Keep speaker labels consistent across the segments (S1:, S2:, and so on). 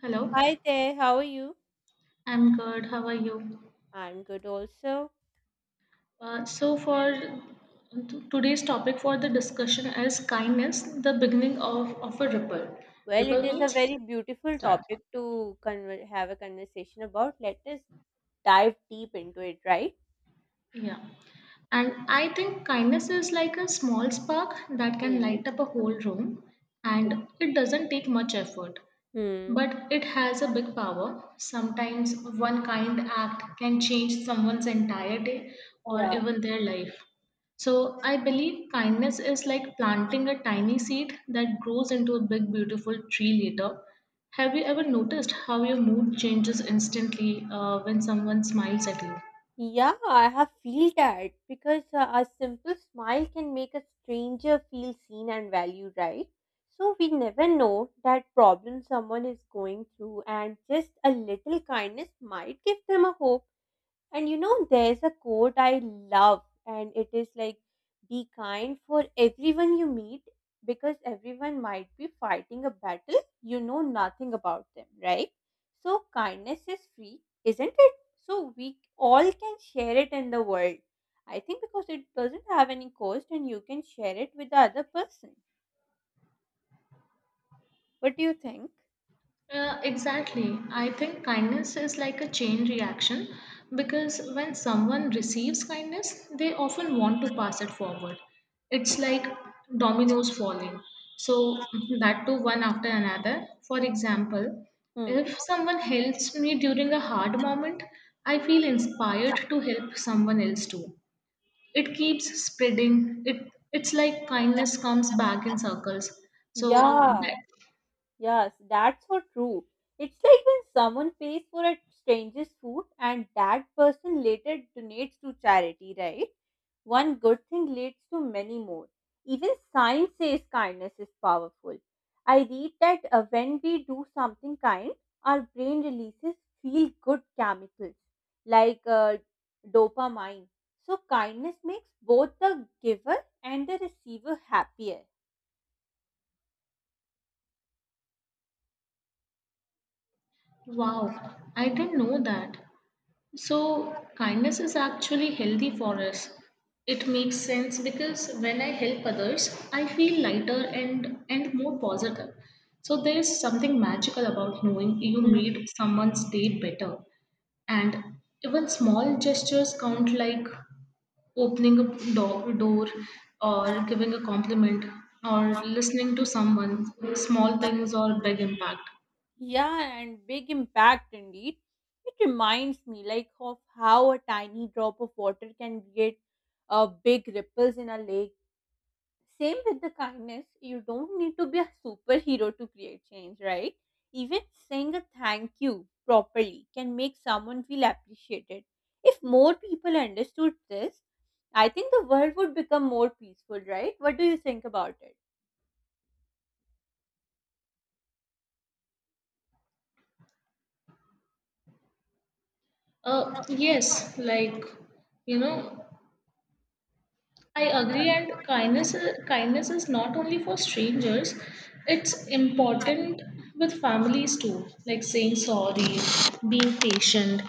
S1: Hello,
S2: Hi there, how are you?
S1: I'm good. How are you?
S2: I'm good also.
S1: For today's topic for the discussion is kindness, the beginning of a ripple.
S2: Well,
S1: Ripple
S2: it is a
S1: means
S2: very beautiful
S1: start.
S2: topic to conver have a conversation about. Let us dive deep into it, right?
S1: Yeah. And I think kindness is like a small spark that can
S2: Hmm.
S1: light up a whole room, and it doesn't take much effort.
S2: Hmm.
S1: But it has a big power. Sometimes one kind act can change someone's entire day or
S2: Yeah.
S1: even their life. So I believe kindness is like planting a tiny seed that grows into a big, beautiful tree later. Have you ever noticed how your mood changes instantly when someone smiles at you?
S2: Yeah, I have feel that because a simple smile can make a stranger feel seen and valued, right? So we never know that problem someone is going through, and just a little kindness might give them a hope. And you know, there's a quote I love, and it is like, be kind for everyone you meet because everyone might be fighting a battle you know nothing about them, right? So, kindness is free, isn't it? So, we all can share it in the world. I think because it doesn't have any cost and you can share it with the other person. What do you think?
S1: Exactly. I think kindness is like a chain reaction because when someone receives kindness, they often want to pass it forward. It's like dominoes falling. So, that too, one after another. For example,
S2: Hmm.
S1: if someone helps me during a hard moment, I feel inspired to help someone else too. It keeps spreading. It's like kindness comes back in circles. So
S2: Yeah.
S1: that,
S2: Yes, that's so true. It's like when someone pays for a stranger's food and that person later donates to charity, right? One good thing leads to many more. Even science says kindness is powerful. I read that when we do something kind, our brain releases feel good chemicals like dopamine. So, kindness makes both the giver and the receiver happier.
S1: wow, I didn't know that. So, kindness is actually healthy for us. It makes sense because when I help others, I feel lighter and more positive. So, there's something magical about knowing you
S2: Mm.
S1: made someone's day better. And even small gestures count, like opening a door, or giving a compliment or listening to someone. Small things or big impact.
S2: Yeah, and big impact indeed. It reminds me like of how a tiny drop of water can create big ripples in a lake. Same with the kindness, you don't need to be a superhero to create change, right? Even saying a thank you properly can make someone feel appreciated. If more people understood this, I think the world would become more peaceful, right? What do you think about it?
S1: Yes, you know I agree, and kindness is not only for strangers; it's important with families too, like saying sorry, being patient,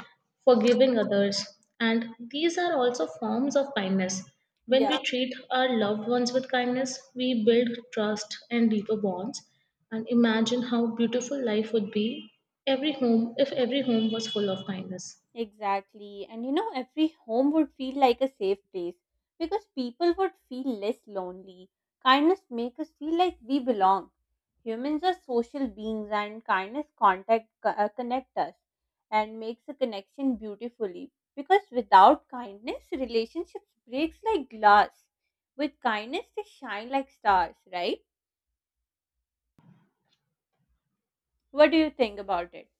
S1: forgiving others, and these are also forms of kindness. When
S2: Yeah.
S1: we treat our loved ones with kindness, we build trust and deeper bonds. And imagine how beautiful life would be every home if every home was full of kindness.
S2: Exactly. And you know, every home would feel like a safe place because people would feel less lonely. Kindness makes us feel like we belong. Humans are social beings and kindness connect us and makes a connection beautifully because without kindness relationships breaks like glass. With kindness they shine like stars, right? What do you think about it?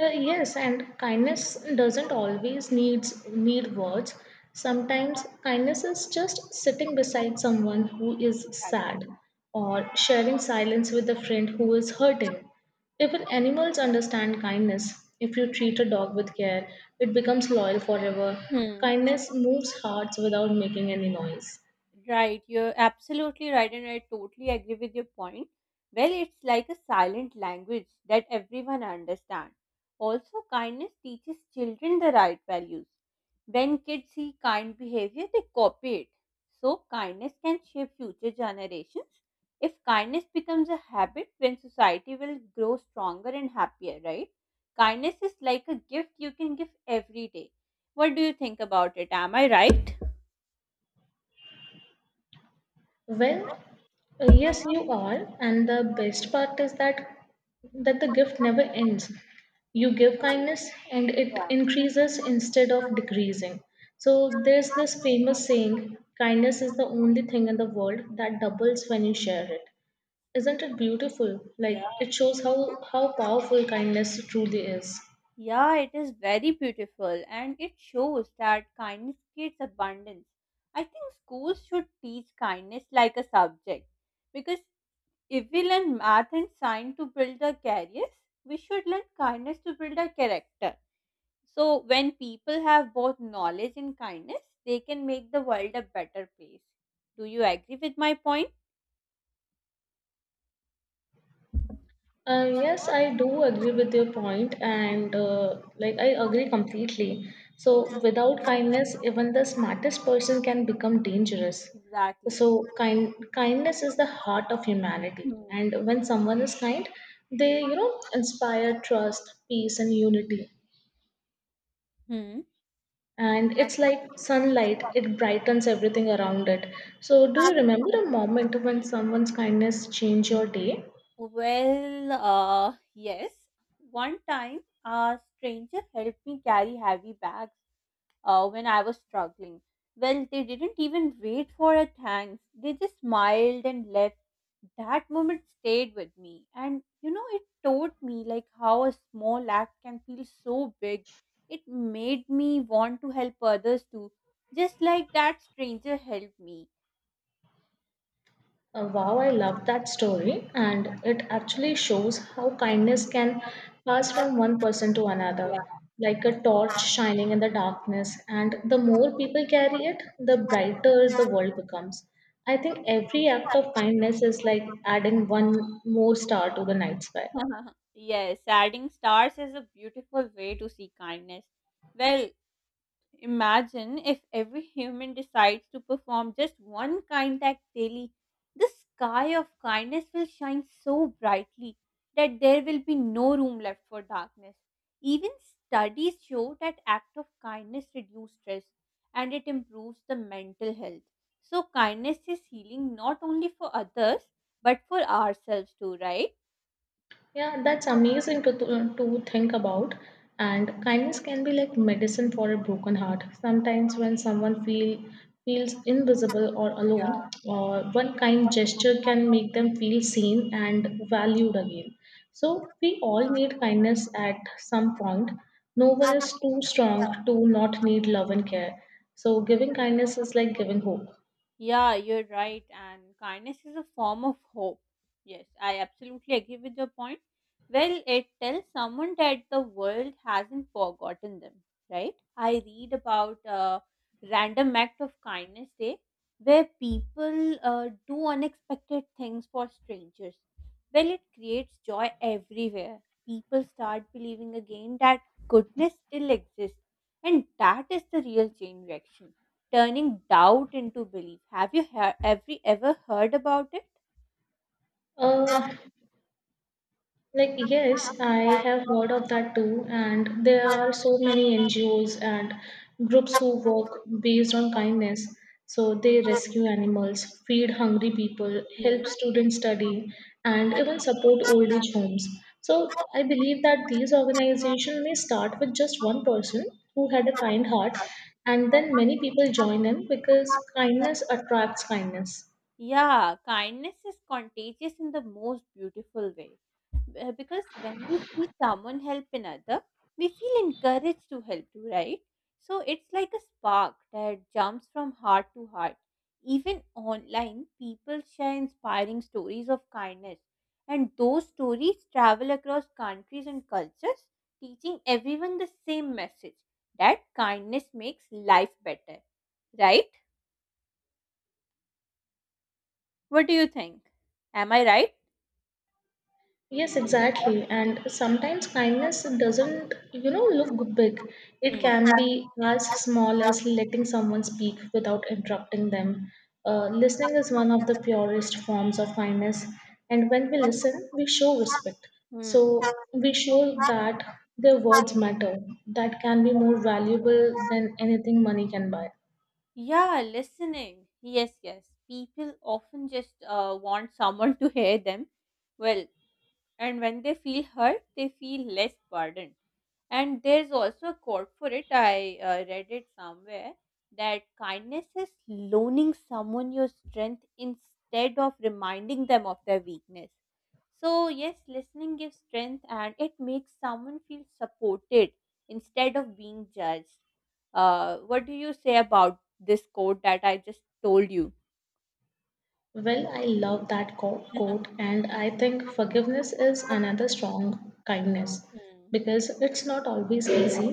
S1: Yes, and kindness doesn't always needs need words. Sometimes kindness is just sitting beside someone who is
S2: Exactly.
S1: sad or sharing silence with a friend who is hurting. Even animals understand kindness. If you treat a dog with care, it becomes loyal forever.
S2: Hmm.
S1: Kindness moves hearts without making any noise.
S2: Right, you're absolutely right, and I totally agree with your point. Well, it's like a silent language that everyone understands. Also, kindness teaches children the right values. When kids see kind behavior, they copy it. So, kindness can shape future generations. If kindness becomes a habit, then society will grow stronger and happier, right? Kindness is like a gift you can give every day. What do you think about it? Am I right?
S1: Well,
S2: Mhm.
S1: yes, you are. And the best part is that the gift never ends. You give kindness and it
S2: Yeah.
S1: increases instead of decreasing. So there's this famous saying, kindness is the only thing in the world that doubles when you share it. Isn't it beautiful? Like
S2: Yeah.
S1: it shows how powerful kindness truly is.
S2: Yeah, it is very beautiful and it shows that kindness creates abundance. I think schools should teach kindness like a subject because if we learn math and science to build our careers, we should learn kindness to build our character. So, when people have both knowledge and kindness, they can make the world a better place. Do you agree with my point?
S1: Yes, I do agree with your point, and I agree completely. So, without kindness, even the smartest person can become dangerous.
S2: Exactly.
S1: So, kindness is the heart of humanity,
S2: Hmm.
S1: and when someone is kind, they inspire trust, peace, and unity.
S2: Hmm.
S1: And it's like sunlight; it brightens everything around it. So, do you remember a moment when someone's kindness changed your day?
S2: Well, yes. One time, a stranger helped me carry heavy bag when I was struggling. Well, they didn't even wait for a thanks. They just smiled and left. That moment stayed with me. And you know, it taught me like how a small act can feel so big. It made me want to help others too, just like that stranger helped me.
S1: Wow, I love that story, and it actually shows how kindness can pass from one person to
S2: Yeah.
S1: another, like a torch shining in the darkness. And the more people carry it, the brighter the
S2: Hmm.
S1: world becomes. I think every act of kindness is like adding one more star to the night sky.
S2: Yes, adding stars is a beautiful way to see kindness. Well, imagine if every human decides to perform just one kind act daily, the sky of kindness will shine so brightly that there will be no room left for darkness. Even studies show that act of kindness reduce stress and it improves the mental health. So kindness is healing not only for others but for ourselves too, right?
S1: Yeah, that's amazing to think about. And kindness can be like medicine for a broken heart. Sometimes when someone feel feels invisible or
S2: Yeah.
S1: alone, one kind gesture can make them feel seen and valued again. So we all need kindness at some point. No one is too strong to not need love and care. So giving kindness is like giving hope.
S2: Yeah, you're right. And kindness is a form of hope. Yes, I absolutely agree with your point. Well, it tells someone that the world hasn't forgotten them, right? I read about a random act of kindness day where people do unexpected things for strangers. Well, it creates joy everywhere. People start believing again that goodness still exists, and that is the real chain reaction turning doubt into belief. Have you ever heard about it?
S1: Uh, yes, I have heard of that too, and there are so many NGOs and groups who work based on kindness. So they rescue animals, feed hungry people,
S2: Hmm.
S1: help students study, and even support old age homes. So I believe that these organizations may start with just one person who had a kind heart, and then many people join in because kindness attracts kindness.
S2: Yeah, kindness is contagious in the most beautiful way. Because when we see someone help another, we feel encouraged to help too, right? So it's like a spark that jumps from heart to heart. Even online, people share inspiring stories of kindness, and those stories travel across countries and cultures, teaching everyone the same message that kindness makes life better, right? What do you think? Am I right?
S1: Yes, exactly. And sometimes kindness doesn't, you know, look big. It
S2: Hmm.
S1: can be as small as letting someone speak without interrupting them. Listening is one of the purest forms of kindness. And when we listen, we show respect.
S2: Hmm.
S1: So we show that their words matter, that can be more valuable than anything money can buy.
S2: Yeah, listening. Yes, yes. People often just want someone to hear them. Well, and when they feel hurt they feel less burdened, and there's also a quote for it, I read it somewhere that kindness is loaning someone your strength instead of reminding them of their weakness. So yes, listening gives strength and it makes someone feel supported instead of being judged. What do you say about this quote that I just told you?
S1: Well, I love that quote, and I think forgiveness is another strong kindness
S2: Hmm.
S1: because it's not always easy,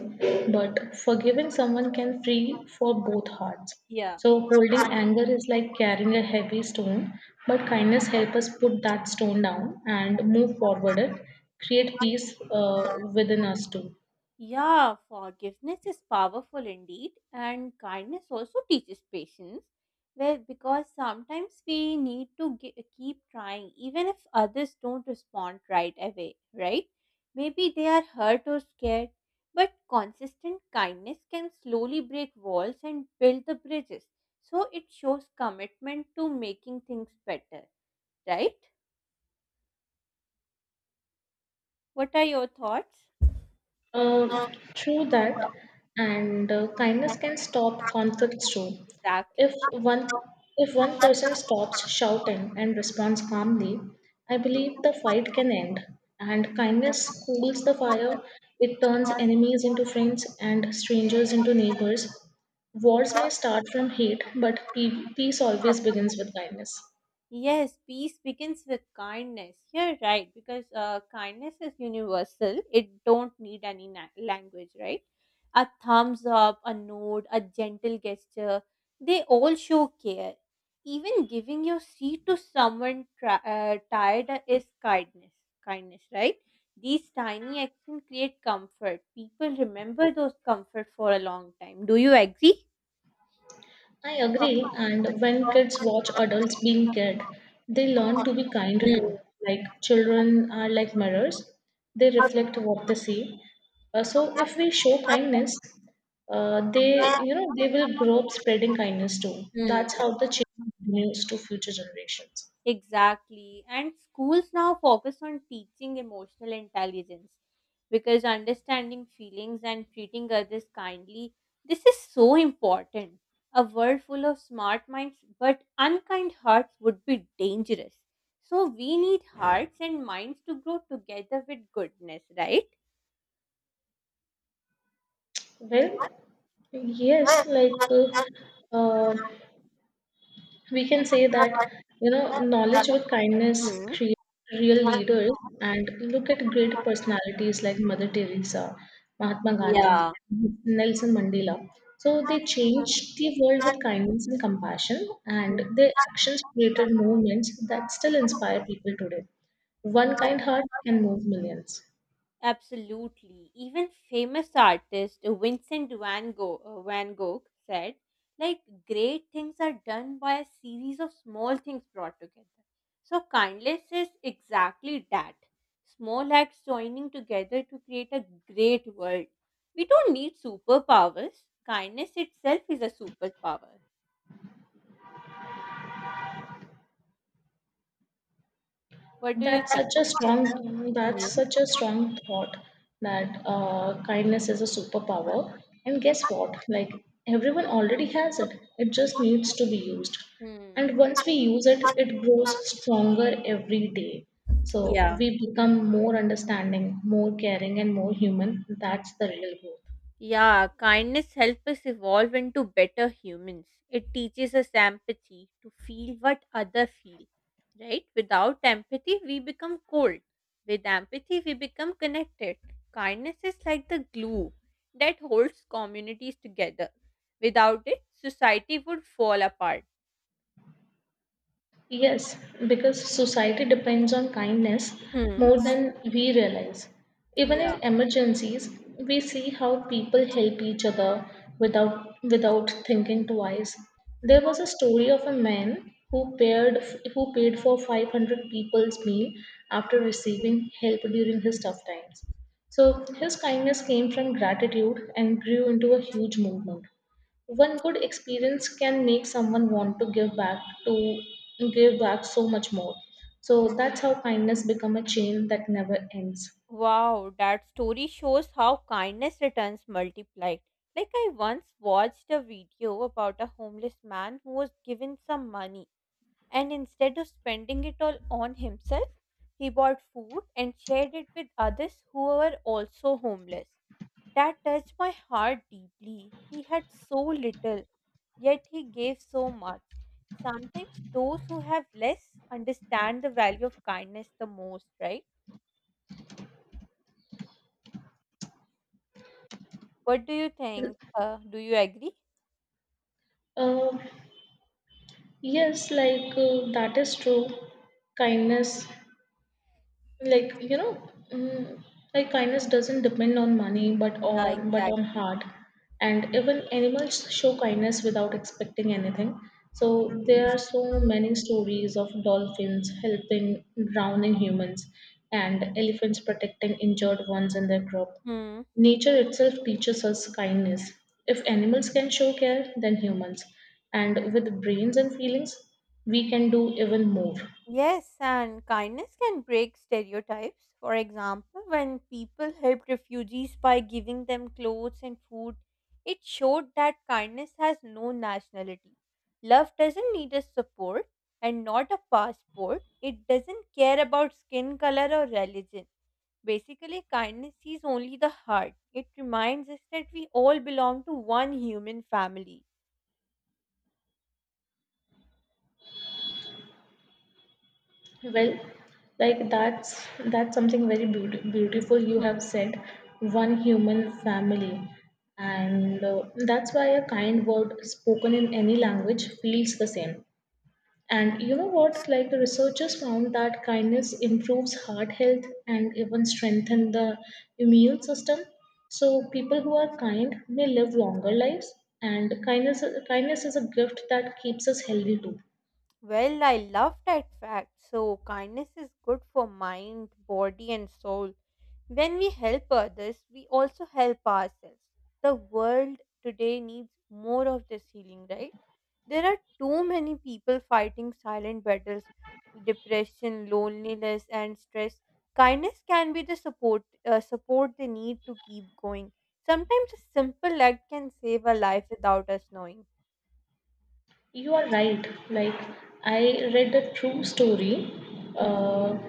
S1: but forgiving someone can free for both hearts.
S2: Yeah.
S1: So, holding anger is like carrying a heavy stone, but kindness helps us put that stone down and move forward it, create peace within us too.
S2: Yeah, forgiveness is powerful indeed, and kindness also teaches patience. Well, because sometimes we need to keep trying, even if others don't respond right away, right? Maybe they are hurt or scared, but consistent kindness can slowly break walls and build the bridges. So it shows commitment to making things better, right? What are your thoughts?
S1: Um, True that, and kindness can stop conflicts too. If
S2: Exactly.
S1: one if one person stops shouting and responds calmly, I believe
S2: Hmm.
S1: the fight can end. And kindness cools the fire. It turns enemies into friends and strangers into neighbors. Wars may start from hate, but peace always begins with kindness.
S2: Yes, peace begins with kindness. You're right, because kindness is universal. It don't need any language, right? A thumbs up, a nod, a gentle gesture, they all show care. Even giving your seat to someone tired is kindness. Kindness, right? These tiny actions create comfort. People remember those comfort for a long time. Do you agree?
S1: I agree, and when kids watch adults being cared, they learn to be kind too. Like children are like mirrors, they reflect what they see. So if we show kindness, they they will grow up spreading kindness too.
S2: Hmm.
S1: That's how the change continues to future generations.
S2: Exactly. And schools now focus on teaching emotional intelligence because understanding feelings and treating others kindly, this is so important. A world full of smart minds but unkind hearts would be dangerous. So we need hearts and minds to grow together with goodness, right?
S1: Well, yes, like uh, uh, We can say that, you know, knowledge with kindness
S2: Hmm.
S1: creates real leaders. And look at great personalities like Mother Teresa, Mahatma Gandhi,
S2: Yeah.
S1: Nelson Mandela. So they changed the world with kindness and compassion, and their actions created movements that still inspire people today. One kind heart can move millions.
S2: Absolutely. Even famous artist Vincent van Gogh, van Gogh said, like, great things are done by a series of small things brought together. So, kindness is exactly that, small acts joining together to create a great world. We don't need superpowers, kindness itself is a superpower. What do you think? Hmm.
S1: That's such a strong thought that kindness is a superpower. And guess what? Like everyone already has it. It just needs to be used.
S2: Hmm.
S1: And once we use it, it grows stronger every day. So
S2: Yeah.
S1: we become more understanding, more caring, and more human. That's the real goal.
S2: Yeah, kindness helps us evolve into better humans. It teaches us empathy to feel what others feel, right? Without empathy, we become cold. With empathy, we become connected. Kindness is like the glue that holds communities together. Without it, society would fall apart.
S1: Yes, because society depends on kindness
S2: Hmm.
S1: more than we realize. Even
S2: Yeah.
S1: in emergencies, we see how people help each other without thinking twice. There was a story of a man who paid for 500 people's meal after receiving help during his tough times. So his kindness came from gratitude and grew into a huge movement. One good experience can make someone want to to give back so much more. So that's how kindness become a chain that never ends.
S2: Wow, that story shows how kindness returns multiplied. Like, I once watched a video about a homeless man who was given some money, and instead of spending it all on himself, he bought food and shared it with others who were also homeless. That touched my heart deeply. He had so little, yet he gave so much. Sometimes those who have less understand the value of kindness the most, right? What do you think? Do you agree?
S1: uh, that is true. Kindness like you know mm, like Kindness doesn't depend on money but
S2: Yeah,
S1: on
S2: exactly.
S1: heart. And even animals show kindness without expecting anything. So there are so many stories of dolphins helping drowning humans and elephants protecting injured ones in their group.
S2: Hmm.
S1: Nature itself teaches us kindness. If animals can show care, then humans. And with brains and feelings, we can do even more.
S2: Yes, and kindness can break stereotypes. For example, when people helped refugees by giving them clothes and food, it showed that kindness has no nationality. Love doesn't need a support and not a passport. It doesn't care about skin color or religion. Basically, kindness sees only the heart. It reminds us that we all belong to one human family.
S1: Well, that's something very beautiful you have said. One human family, and that's why a kind word spoken in any language feels the same. And you know what? Like the researchers found that kindness improves heart health and even strengthen the immune system. So people who are kind may live longer lives. And kindness is a gift that keeps us healthy too.
S2: Well, I love that fact. So, kindness is good for mind, body, and soul. When we help others, we also help ourselves. The world today needs more of this healing, right? There are too many people fighting silent battles, depression, loneliness, and stress. Kindness can be the support they need to keep going. Sometimes a simple act can save a life without us knowing.
S1: You are right. Like, I read a true story.
S2: Hmm.
S1: Uh, uh,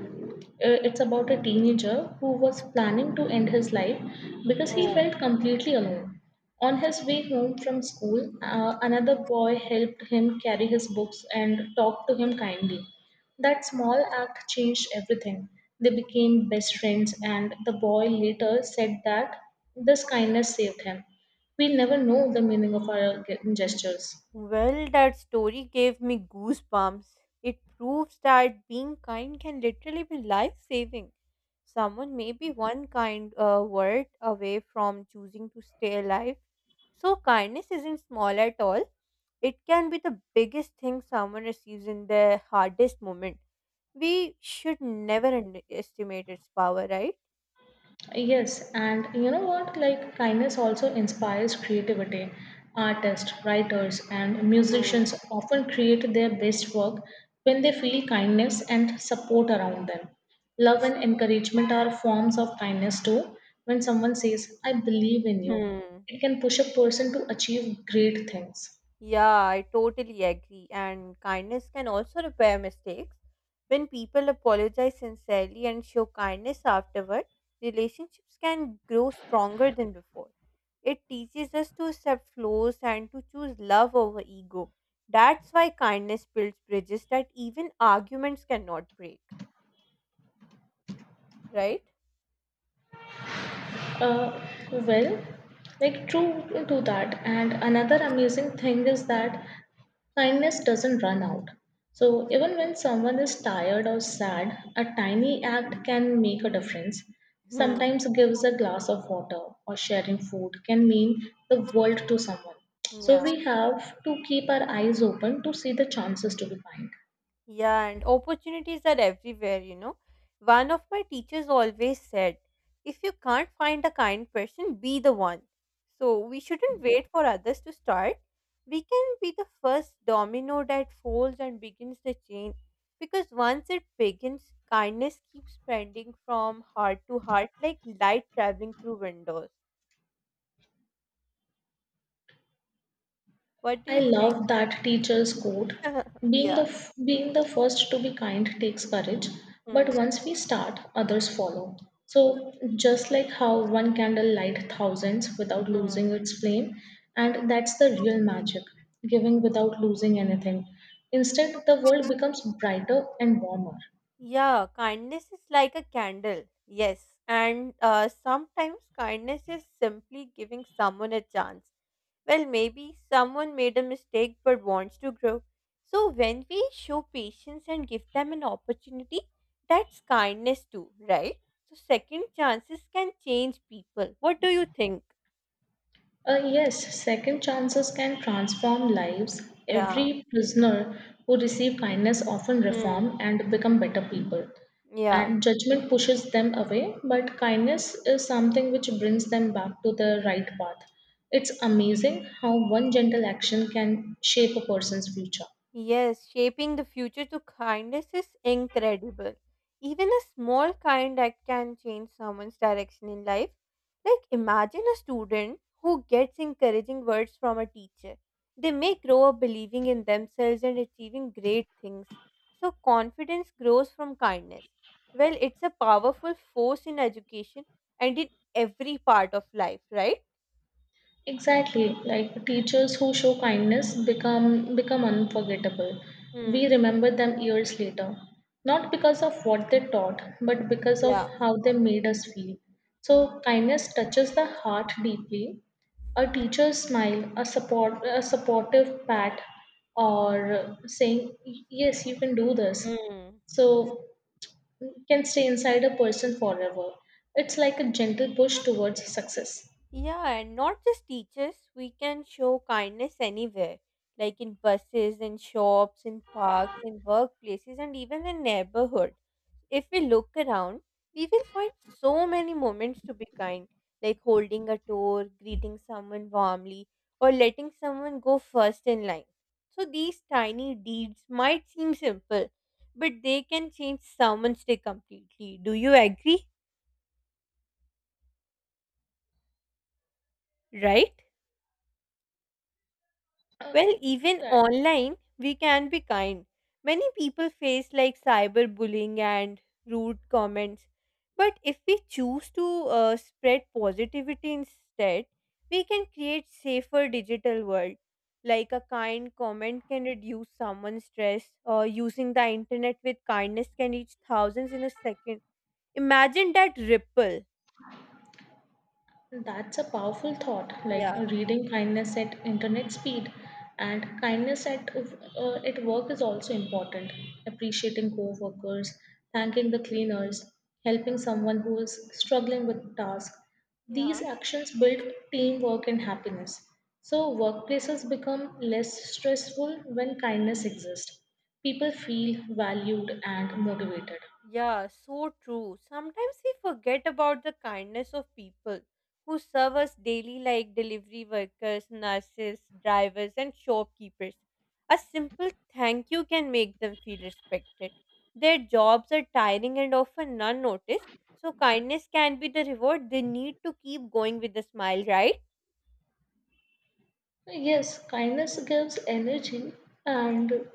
S1: it's about a teenager who was planning to end his life because he
S2: Oh,
S1: felt completely alone. On his way home from school, another boy helped him carry his books and talked to
S2: okay.
S1: him kindly. That small act changed everything. They became best friends, and the boy later said that this kindness saved him. We never know the meaning of our gestures.
S2: Well, that story gave me goosebumps. It proves that being kind can literally be life saving. Someone may be one kind word away from choosing to stay alive. So, kindness isn't small at all. It can be the biggest thing someone receives in their hardest moment. We should never underestimate its power, right?
S1: Yes, and you know what? Like, kindness also inspires creativity. Artists, writers, and
S2: Mm.
S1: musicians often create their best work when they feel kindness and support around them. Love and encouragement are forms of kindness too. When someone says, I believe in you,
S2: Hmm.
S1: it can push a person to achieve great things.
S2: Yeah, I totally agree. And kindness can also repair mistakes. When people apologize sincerely and show kindness afterward, relationships can grow stronger than before. It teaches us to accept flaws and to choose love over ego. That's why kindness builds bridges that even arguments cannot break, right?
S1: Uh, well, True to that. And another amazing thing is that kindness doesn't run out. So, even when someone is tired or sad, a tiny act can make a difference.
S2: Hmm.
S1: Sometimes, gives a glass of water or sharing food can mean the world to someone. So,
S2: Yeah.
S1: we have to keep our eyes open to see the chances to be kind.
S2: Yeah, and opportunities are everywhere, you know. One of my teachers always said, if you can't find a kind person, be the one. So we shouldn't wait for others to start. We can be the first domino that folds and begins the chain because once it begins, kindness keeps spreading from heart to heart like light traveling through windows. What do
S1: I
S2: you think?
S1: love that teacher's quote.
S2: Yeah.
S1: Being the first to be kind takes courage,
S2: Hmm.
S1: but once we start, others follow. So just like how one candle light thousands without losing its flame, and that's the real magic, giving without losing anything. Instead, the world becomes brighter and warmer.
S2: Yeah, kindness is like a candle. Yes. And sometimes kindness is simply giving someone a chance. Well, maybe someone made a mistake but wants to grow. So when we show patience and give them an opportunity, that's kindness too, right? So second chances can change people. What do you think?
S1: Yes, second chances can transform lives.
S2: Yeah.
S1: Every prisoner who receive kindness often
S2: Hmm.
S1: reform and become better people.
S2: Yeah.
S1: And judgment pushes them away, but kindness is something which brings them back to the right path. It's amazing how one gentle action can shape a person's future.
S2: Yes, shaping the future to kindness is incredible. Even a small kind act can change someone's direction in life. Like, imagine a student who gets encouraging words from a teacher. They may grow up believing in themselves and achieving great things. So, confidence grows from kindness. Well, it's a powerful force in education and in every part of life, right?
S1: Exactly, like teachers who show kindness become unforgettable. We
S2: Hmm.
S1: remember them years later, not because of what they taught, but because of
S2: Yeah.
S1: how they made us feel. So kindness touches the heart deeply. A teacher's smile, a support, a supportive pat, or saying yes, you can do this,
S2: Hmm.
S1: so can stay inside a person forever. It's like a gentle push towards success.
S2: Yeah, and not just teachers, we can show kindness anywhere, like in buses, in shops, in parks, in workplaces, and even in neighborhood. If we look around, we will find so many moments to be kind, like holding a door, greeting someone warmly, or letting someone go first in line. So these tiny deeds might seem simple, but they can change someone's day completely. Do you agree? Right?
S1: Uh,
S2: Well,
S1: true
S2: even
S1: that.
S2: online, we can be kind. Many people face like cyberbullying and rude comments. But if we choose to spread positivity instead, we can create safer digital world. Like a kind comment can reduce someone's stress, or using the internet with kindness can reach thousands in a second. Imagine that ripple.
S1: That's a powerful thought, like
S2: Yeah.
S1: reading kindness at internet speed and kindness at work is also important. Appreciating co-workers, thanking the cleaners, helping someone who is struggling with a task. These
S2: Yeah.
S1: actions build teamwork and happiness. So workplaces become less stressful when kindness exists. People feel valued and motivated.
S2: Yeah, so true. Sometimes we forget about the kindness of people who serve us daily, like delivery workers, nurses, drivers, and shopkeepers. A simple thank you can make them feel respected. Their jobs are tiring and often unnoticed, so kindness can be the reward they need to keep going with a smile, right?
S1: Yes, kindness gives energy and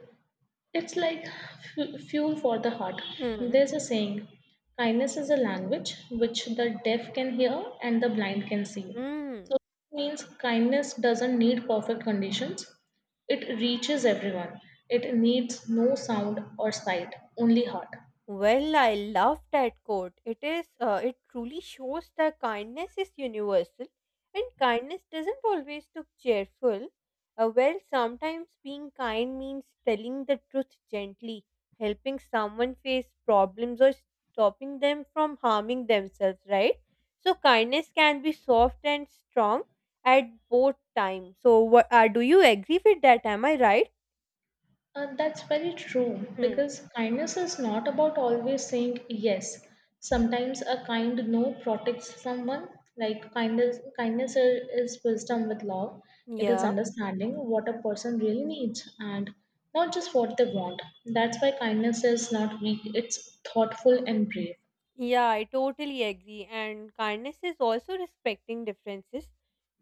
S1: it's like fuel for the heart.
S2: Hmm.
S1: There's a saying kindness is a language which the deaf can hear and the blind can see. So
S2: Mm.
S1: it means kindness doesn't need perfect conditions, it reaches everyone. It needs no sound or sight, only heart.
S2: Well, I love that quote. It is it truly shows that kindness is universal and kindness doesn't always look cheerful. Well, sometimes being kind means telling the truth gently, helping someone face problems or stopping them from harming themselves, right? So kindness can be soft and strong at both times. So what do you agree with that? Am I right?
S1: That's very true
S2: Hmm.
S1: because kindness is not about always saying yes. Sometimes a kind no protects someone. Like kindness is wisdom with love. It is
S2: Yeah.
S1: understanding what a person really needs and not just what they want. That's why kindness is not weak. It's thoughtful and brave.
S2: Yeah, I totally agree. And kindness is also respecting differences.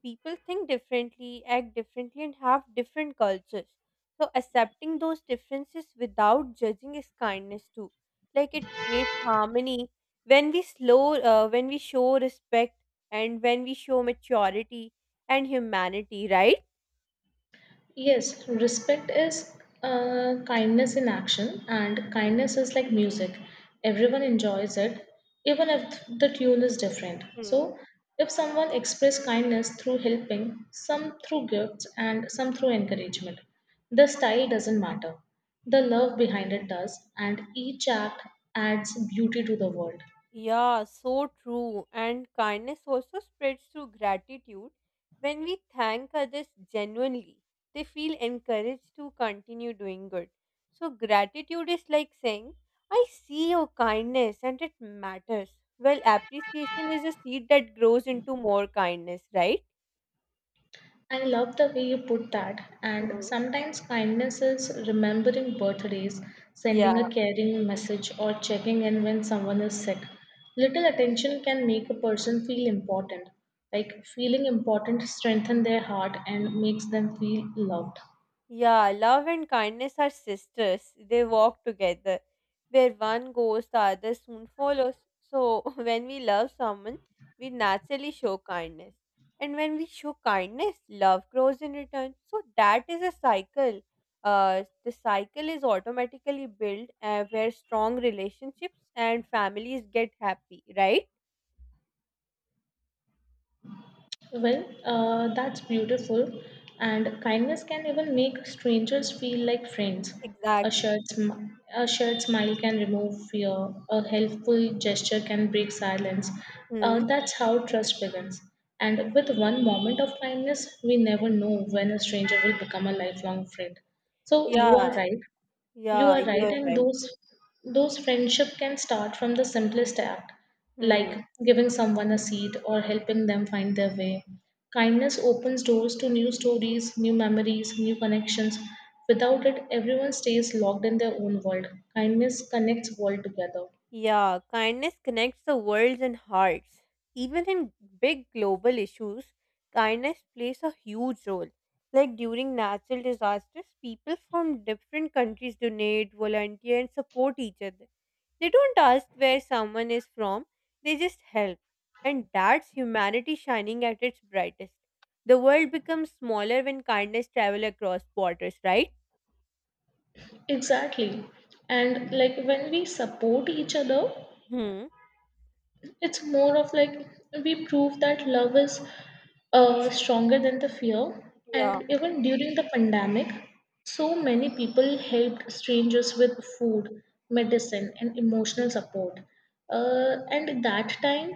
S2: People think differently, act differently, and have different cultures. So, accepting those differences without judging is kindness too. Like it creates harmony when we show respect, and when we show maturity and humanity, right?
S1: Yes, respect is kindness in action, and
S2: Hmm.
S1: kindness is like music. Everyone enjoys it, even if the tune is different.
S2: Hmm.
S1: So, if someone expresses kindness through helping, some through gifts, and some through encouragement, the style doesn't matter. The love behind it does, and each act adds beauty to the world.
S2: Yeah, so true. And kindness also spreads through gratitude. When we thank others genuinely, they feel encouraged to continue doing good. So, gratitude is like saying, I see your kindness and it matters. Well, appreciation is a seed that grows into more kindness, right?
S1: I love the way you put that. And
S2: Mm.
S1: sometimes kindness is remembering birthdays,
S2: Yeah.
S1: sending a caring message, or checking in when someone is sick. Little attention can make a person feel important. Like feeling important strengthens their heart and makes them feel loved.
S2: Yeah, love and kindness are sisters. They walk together. Where one goes, the other soon follows. So, when we love someone, we naturally show kindness. And when we show kindness, love grows in return. So, that is a cycle. The cycle is automatically built where strong relationships and families get happy, right?
S1: That's beautiful. And kindness can even make strangers feel like friends. A
S2: Exactly.
S1: shared, sm- a shared smile can remove fear. A helpful gesture can break silence.
S2: Hmm.
S1: That's how trust begins. And with one moment of kindness, we never know when a stranger will become a lifelong friend. So you
S2: Yeah,
S1: are right. You
S2: yeah,
S1: are
S2: you
S1: right,
S2: are
S1: and
S2: right.
S1: those friendship can start from the simplest act,
S2: Hmm.
S1: like giving someone a seat or helping them find their way. Kindness opens doors to new stories, new memories, new connections. Without it, everyone stays locked in their own world. Kindness connects world together.
S2: Yeah, kindness connects the worlds and hearts. Even in big global issues, kindness plays a huge role. Like during natural disasters, people from different countries donate, volunteer, and support each other. They don't ask where someone is from, they just help. And that's humanity shining at its brightest. The world becomes smaller when kindness travels across borders, right?
S1: Exactly. And like when we support each other,
S2: Hmm.
S1: it's more of like we prove that love is stronger than the fear.
S2: Yeah.
S1: And even during the pandemic, so many people helped strangers with food, medicine, and emotional support. And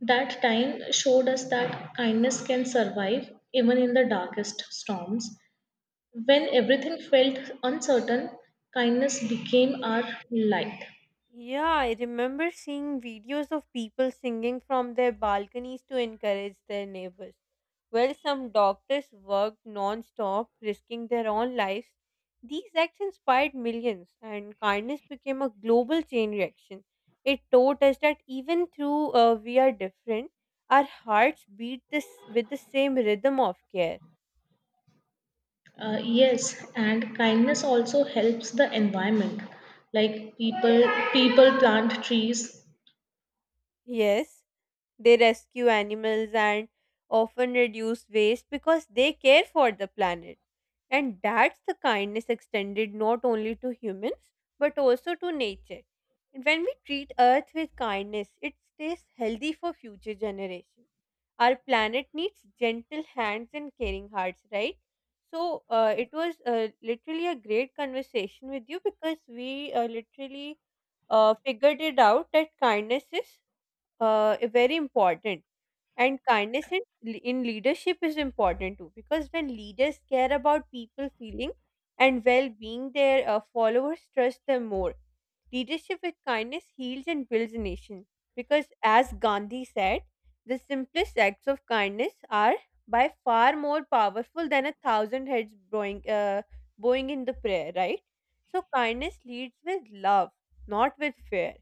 S1: that time showed us that kindness can survive even in the darkest storms. When everything felt uncertain, kindness became our light.
S2: Yeah, I remember seeing videos of people singing from their balconies to encourage their neighbors. While some doctors worked non stop, risking their own lives, these acts inspired millions, and kindness became a global chain reaction. It taught us that even though we are different, our hearts beat this with the same rhythm of care.
S1: Yes, and kindness also helps the environment. Like people plant trees.
S2: Yes. They rescue animals and often reduce waste because they care for the planet. And that's the kindness extended not only to humans but also to nature. And when we treat Earth with kindness, it stays healthy for future generations. Our planet needs gentle hands and caring hearts, right? So it was literally a great conversation with you because we literally figured it out that kindness is very important and kindness in leadership is important too because when leaders care about people feeling and well-being their followers trust them more. Leadership with kindness heals and builds a nation because as Gandhi said, the simplest acts of kindness are by far more powerful than a thousand heads bowing in the prayer, right? So kindness leads with love, not with fear.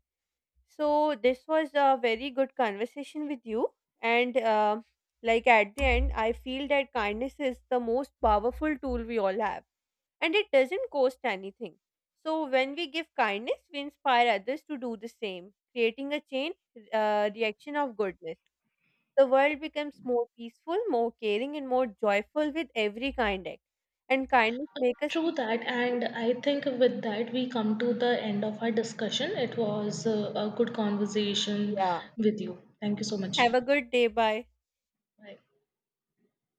S2: So this was a very good conversation with you, and like at the end, I feel that kindness is the most powerful tool we all have, and it doesn't cost anything. So when we give kindness, we inspire others to do the same, creating a chain reaction of goodness. The world becomes more peaceful, more caring, and more joyful with every kind act. And kindness make us
S1: True
S2: feel
S1: that,
S2: connected.
S1: and I think with that we come to the end of our discussion. It was a good conversation
S2: Yeah.
S1: with you. Thank you so much.
S2: Have a good day. Bye.
S1: Bye.